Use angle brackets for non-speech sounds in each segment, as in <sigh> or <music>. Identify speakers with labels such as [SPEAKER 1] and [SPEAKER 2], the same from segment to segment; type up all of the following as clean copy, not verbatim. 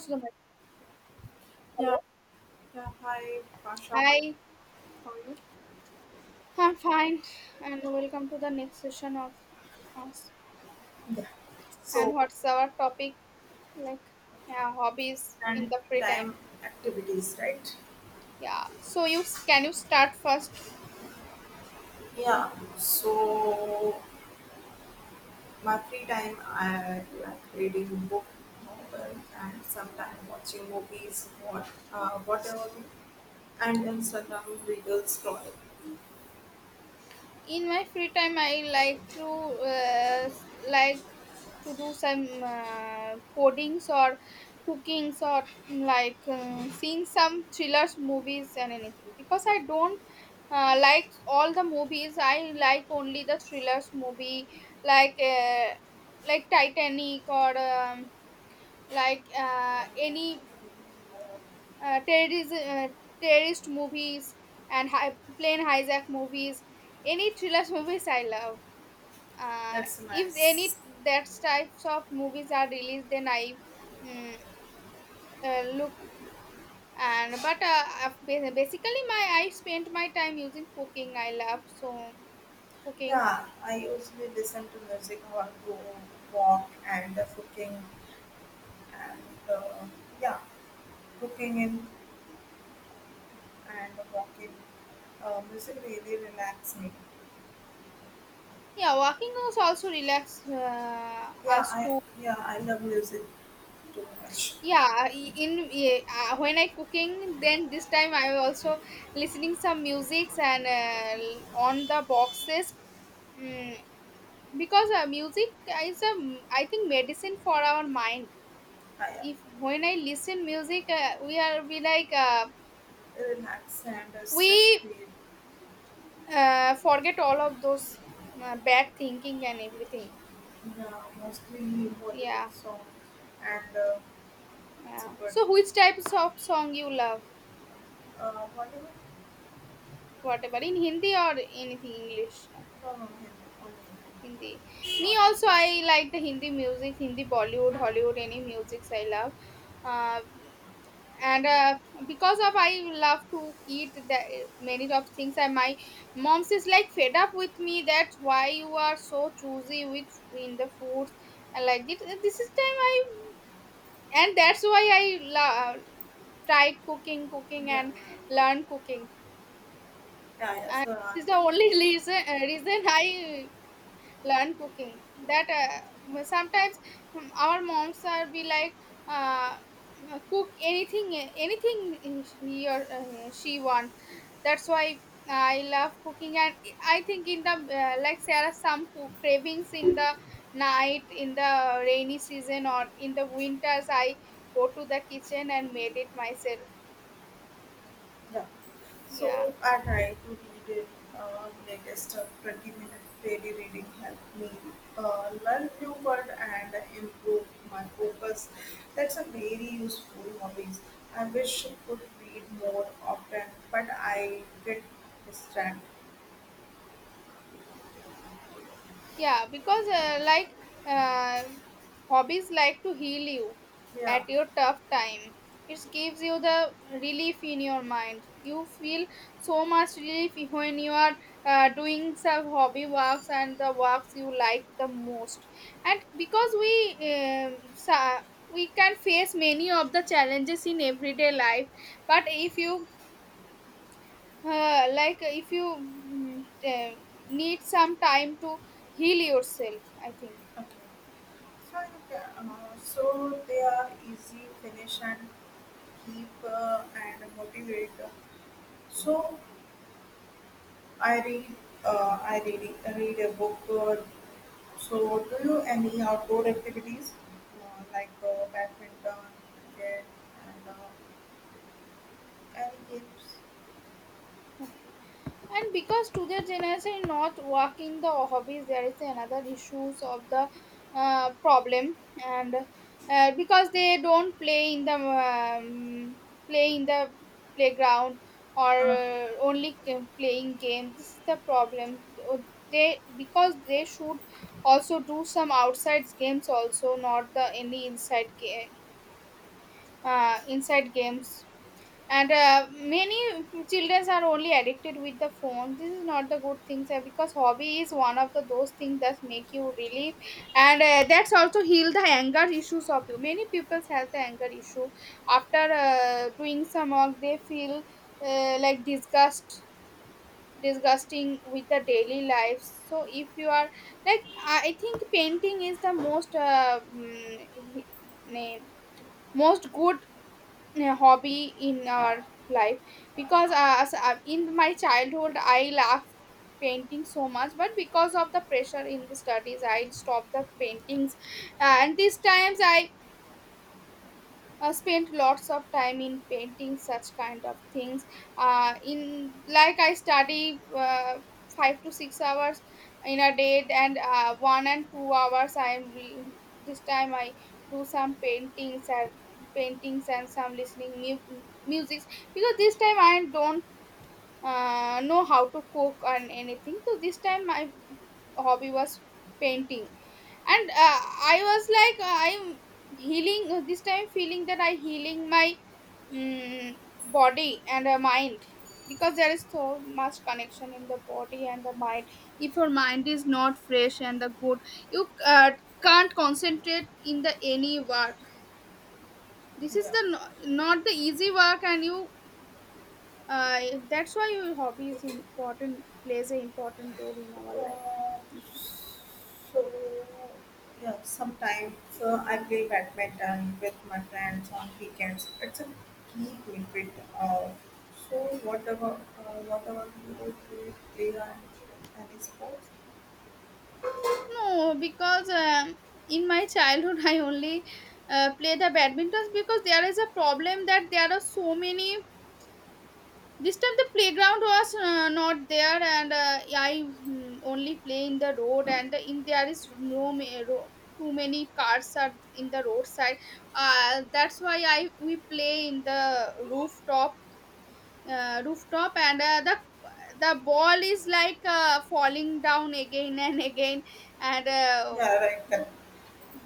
[SPEAKER 1] To the microphone.
[SPEAKER 2] Yeah,
[SPEAKER 1] Hello.
[SPEAKER 2] yeah. Hi, Pasha.
[SPEAKER 1] Hi.
[SPEAKER 2] How are you?
[SPEAKER 1] I'm fine. And welcome to the next session of us.
[SPEAKER 2] Yes.
[SPEAKER 1] And
[SPEAKER 2] So,
[SPEAKER 1] what's our topic? Like, yeah, hobbies in
[SPEAKER 2] and
[SPEAKER 1] the free time.
[SPEAKER 2] time activities, right?
[SPEAKER 1] Yeah. So you can you start first?
[SPEAKER 2] Yeah. So, my free time, I like reading book, novel, and sometimes watching movies, whatever, and Instagram reels scroll.
[SPEAKER 1] In my free time, I like to do some codings or cookings, or like, seeing some thrillers movies and anything, because I don't like all the movies. I like only the thrillers movie, like uh, like Titanic, or like, any terrorism, terrorist movies, and plane hijack movies. Any thrillers <laughs> movies I love. uh,
[SPEAKER 2] That's
[SPEAKER 1] if any
[SPEAKER 2] nice.
[SPEAKER 1] that types of movies are released, then I mm, look. And but basically my I spent my time using cooking. I love, so cooking.
[SPEAKER 2] Yeah, I usually listen to music while go walk and cooking and uh, yeah, cooking in and walking. Music really relax me.
[SPEAKER 1] Yeah, walking was also relax,
[SPEAKER 2] Yeah,
[SPEAKER 1] us
[SPEAKER 2] I
[SPEAKER 1] to.
[SPEAKER 2] yeah I love music too much.
[SPEAKER 1] Yeah, in yeah, when I cooking, then this time I also listening some musics, and on the boxes. mm, because music is, a I think, medicine for our mind.
[SPEAKER 2] I
[SPEAKER 1] If when I listen music, we are be like,
[SPEAKER 2] Relax and stress
[SPEAKER 1] we
[SPEAKER 2] free.
[SPEAKER 1] forget all of those bad thinking and everything.
[SPEAKER 2] Yeah, mostly
[SPEAKER 1] Yeah,
[SPEAKER 2] Bollywood song and it's
[SPEAKER 1] yeah.
[SPEAKER 2] good.
[SPEAKER 1] So which types of song you love?
[SPEAKER 2] Bollywood
[SPEAKER 1] Whatever in Hindi or anything English?
[SPEAKER 2] from Hindi only,
[SPEAKER 1] Hindi.
[SPEAKER 2] Hindi,
[SPEAKER 1] Me
[SPEAKER 2] not
[SPEAKER 1] also,
[SPEAKER 2] English.
[SPEAKER 1] I like the Hindi music, Hindi Bollywood, Hollywood, any musics I love. Uh, and because of I love to eat the many of things, and my mom is like fed up with me. That's why you are so choosy with in the foods and like this. This is time I, and that's why I try cooking, cooking
[SPEAKER 2] Yeah, yeah,
[SPEAKER 1] and learn cooking.
[SPEAKER 2] yeah, yeah.
[SPEAKER 1] And this is the only <laughs> reason I learn cooking, that well, sometimes, our moms are be like, uh, cook anything, he or she want. That's why I love cooking. And I think in the like there are some cook cravings in the night, in the rainy season or in the winters, I go to the kitchen and made it myself.
[SPEAKER 2] Yeah.
[SPEAKER 1] Yeah,
[SPEAKER 2] So I try to read it latest 20-minute daily reading help me learn few words and improve my focus. That's a very useful hobbies. I wish I could read more often, but I get distracted.
[SPEAKER 1] yeah, because like, uh, hobbies like to heal you
[SPEAKER 2] Yeah.
[SPEAKER 1] at your tough time. It gives you the relief in your mind, you feel so much relief when you are doing some hobby works, and the works you like the most. And because um, sa- we can face many of the challenges in everyday life, but if you uh, like if you mm, uh, need some time to heal yourself, I think.
[SPEAKER 2] Okay. So you can, so they are easy finish and keep and motivate. So I read, read a book. So, do you any outdoor activities like badminton, cricket, and any games?
[SPEAKER 1] Okay, and because today generation not working the hobbies, there is another issues of the problem. And because they don't um, play in the playground, or
[SPEAKER 2] Uh,
[SPEAKER 1] only playing games. This is the problem. Uh, they Because they should also do some outside games, also not the any inside game, inside games. And many children are only addicted with the phone. This is not the good things, sir, because hobby is one of the those things that make you relief. And that's also heal the anger issues of you. Many people have the anger issue, after doing some work they feel like disgusting with the daily life. So if you are like, I think painting is the most mm, he- name most good hobby in our life. Because as, in my childhood I loved painting so much, but because of the pressure in the studies I stopped the paintings. And these times I spent lots of time in painting such kind of things, in like I study 5 to 6 hours in a day, and 1 and 2 hours, I am this time I do some paintings, and paintings and some listening music. Because this time I don't know how to cook and anything, so this time my hobby was painting. And I was like, I'm healing, this time feeling that I healing my mm body and mind. Because there is so much connection in the body and the mind. If your mind is not fresh and the good, you can't concentrate in the any work. This is
[SPEAKER 2] yeah.
[SPEAKER 1] the not the easy work, and you uh, that's why your hobby is important, plays an important role in our
[SPEAKER 2] Uh,
[SPEAKER 1] life.
[SPEAKER 2] so, yeah. Sometimes I play badminton with my friends on weekends. It's a key benefit. Uh, so, what about uh, what about you? Do you play any sports?
[SPEAKER 1] No, because in my childhood <laughs> I only play the badminton, because there is a problem, that there are so many. This time the playground was not there, and I only play in the road, and in there is no too many cars are in the roadside. That's why I we play in the rooftop, rooftop, and the ball is like falling down again <laughs> and again, and.
[SPEAKER 2] Yeah, right.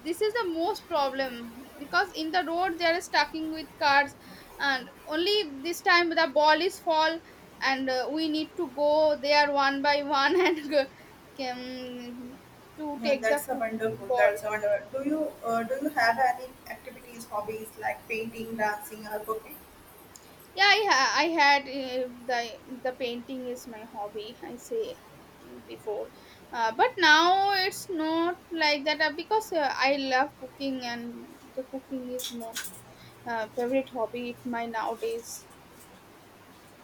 [SPEAKER 1] This is the most problem, because in the road they are stacking with cars, and only this time the ball is fall. And we need to go there one by one <laughs> and go, can, to
[SPEAKER 2] Yeah,
[SPEAKER 1] take the
[SPEAKER 2] that's a wonderful.
[SPEAKER 1] ball.
[SPEAKER 2] That's a wonderful. Do you have any activities, hobbies like painting, dancing, or cooking?
[SPEAKER 1] Yeah, I had, the painting is my hobby, I say before. But now it's not like that, because I love cooking, and the cooking is more favorite hobby of mine nowadays.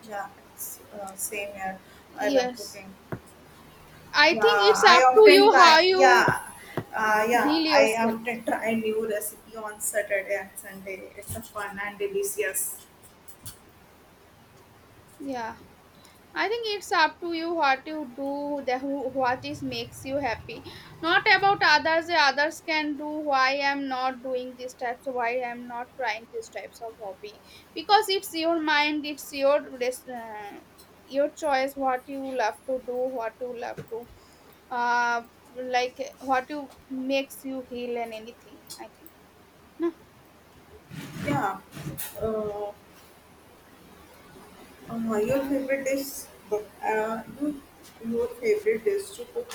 [SPEAKER 2] Yeah, it's same here. I love
[SPEAKER 1] Yes.
[SPEAKER 2] cooking.
[SPEAKER 1] I think
[SPEAKER 2] Yeah,
[SPEAKER 1] it's
[SPEAKER 2] I
[SPEAKER 1] up to
[SPEAKER 2] often
[SPEAKER 1] you how
[SPEAKER 2] try.
[SPEAKER 1] you
[SPEAKER 2] Yeah, yeah,
[SPEAKER 1] heal
[SPEAKER 2] I
[SPEAKER 1] yourself.
[SPEAKER 2] often try new recipe on Saturday and Sunday. It's a fun and delicious.
[SPEAKER 1] Yeah. I think it's up to you what you do, the who, what is makes you happy. Not about others. The others can do, why I'm not doing these types, why I'm not trying these types of hobby. Because it's your mind, it's your choice. What you love to do, what you love to, uh, like what you makes you heal and anything. I think. No.
[SPEAKER 2] Yeah. Uh, your
[SPEAKER 1] Yeah.
[SPEAKER 2] favorite dish? Your favorite dish to cook?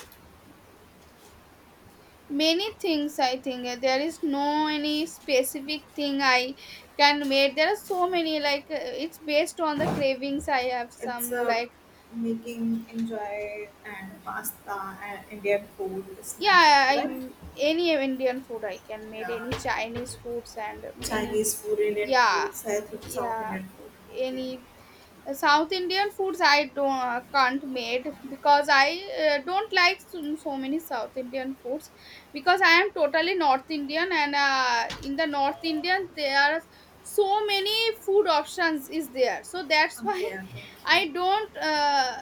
[SPEAKER 1] Many things, I think. There is no any specific thing I can make. There are so many, like, it's based on the cravings I have,
[SPEAKER 2] It's
[SPEAKER 1] some like.
[SPEAKER 2] making enjoy and pasta and Indian food snacks,
[SPEAKER 1] Yeah, I,
[SPEAKER 2] right?
[SPEAKER 1] any Indian food I can make,
[SPEAKER 2] Yeah,
[SPEAKER 1] any
[SPEAKER 2] and
[SPEAKER 1] Chinese foods and any.
[SPEAKER 2] Chinese food, Indian
[SPEAKER 1] Yeah,
[SPEAKER 2] food, South
[SPEAKER 1] yeah,
[SPEAKER 2] Indian food. Okay,
[SPEAKER 1] any. South Indian foods I don't can't made, because I don't like so, so many South Indian foods, because I am totally North Indian, and in the North Indian there are so many food options is there, so that's why
[SPEAKER 2] okay,
[SPEAKER 1] <laughs>
[SPEAKER 2] okay.
[SPEAKER 1] I don't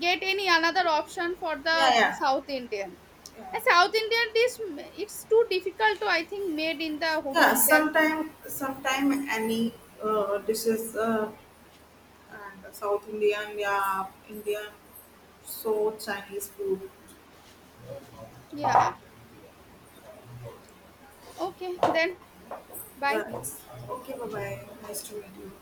[SPEAKER 1] get any another option for
[SPEAKER 2] Yeah,
[SPEAKER 1] the
[SPEAKER 2] yeah,
[SPEAKER 1] South Indian.
[SPEAKER 2] yeah.
[SPEAKER 1] And South Indian dish, it's too difficult to, I think, made in the
[SPEAKER 2] Yeah,
[SPEAKER 1] room there.
[SPEAKER 2] sometime any dishes and South Indian, yeah, Indian, so Chinese food.
[SPEAKER 1] Yeah. Okay then. Bye.
[SPEAKER 2] Yeah. Okay, bye bye. Nice to meet you.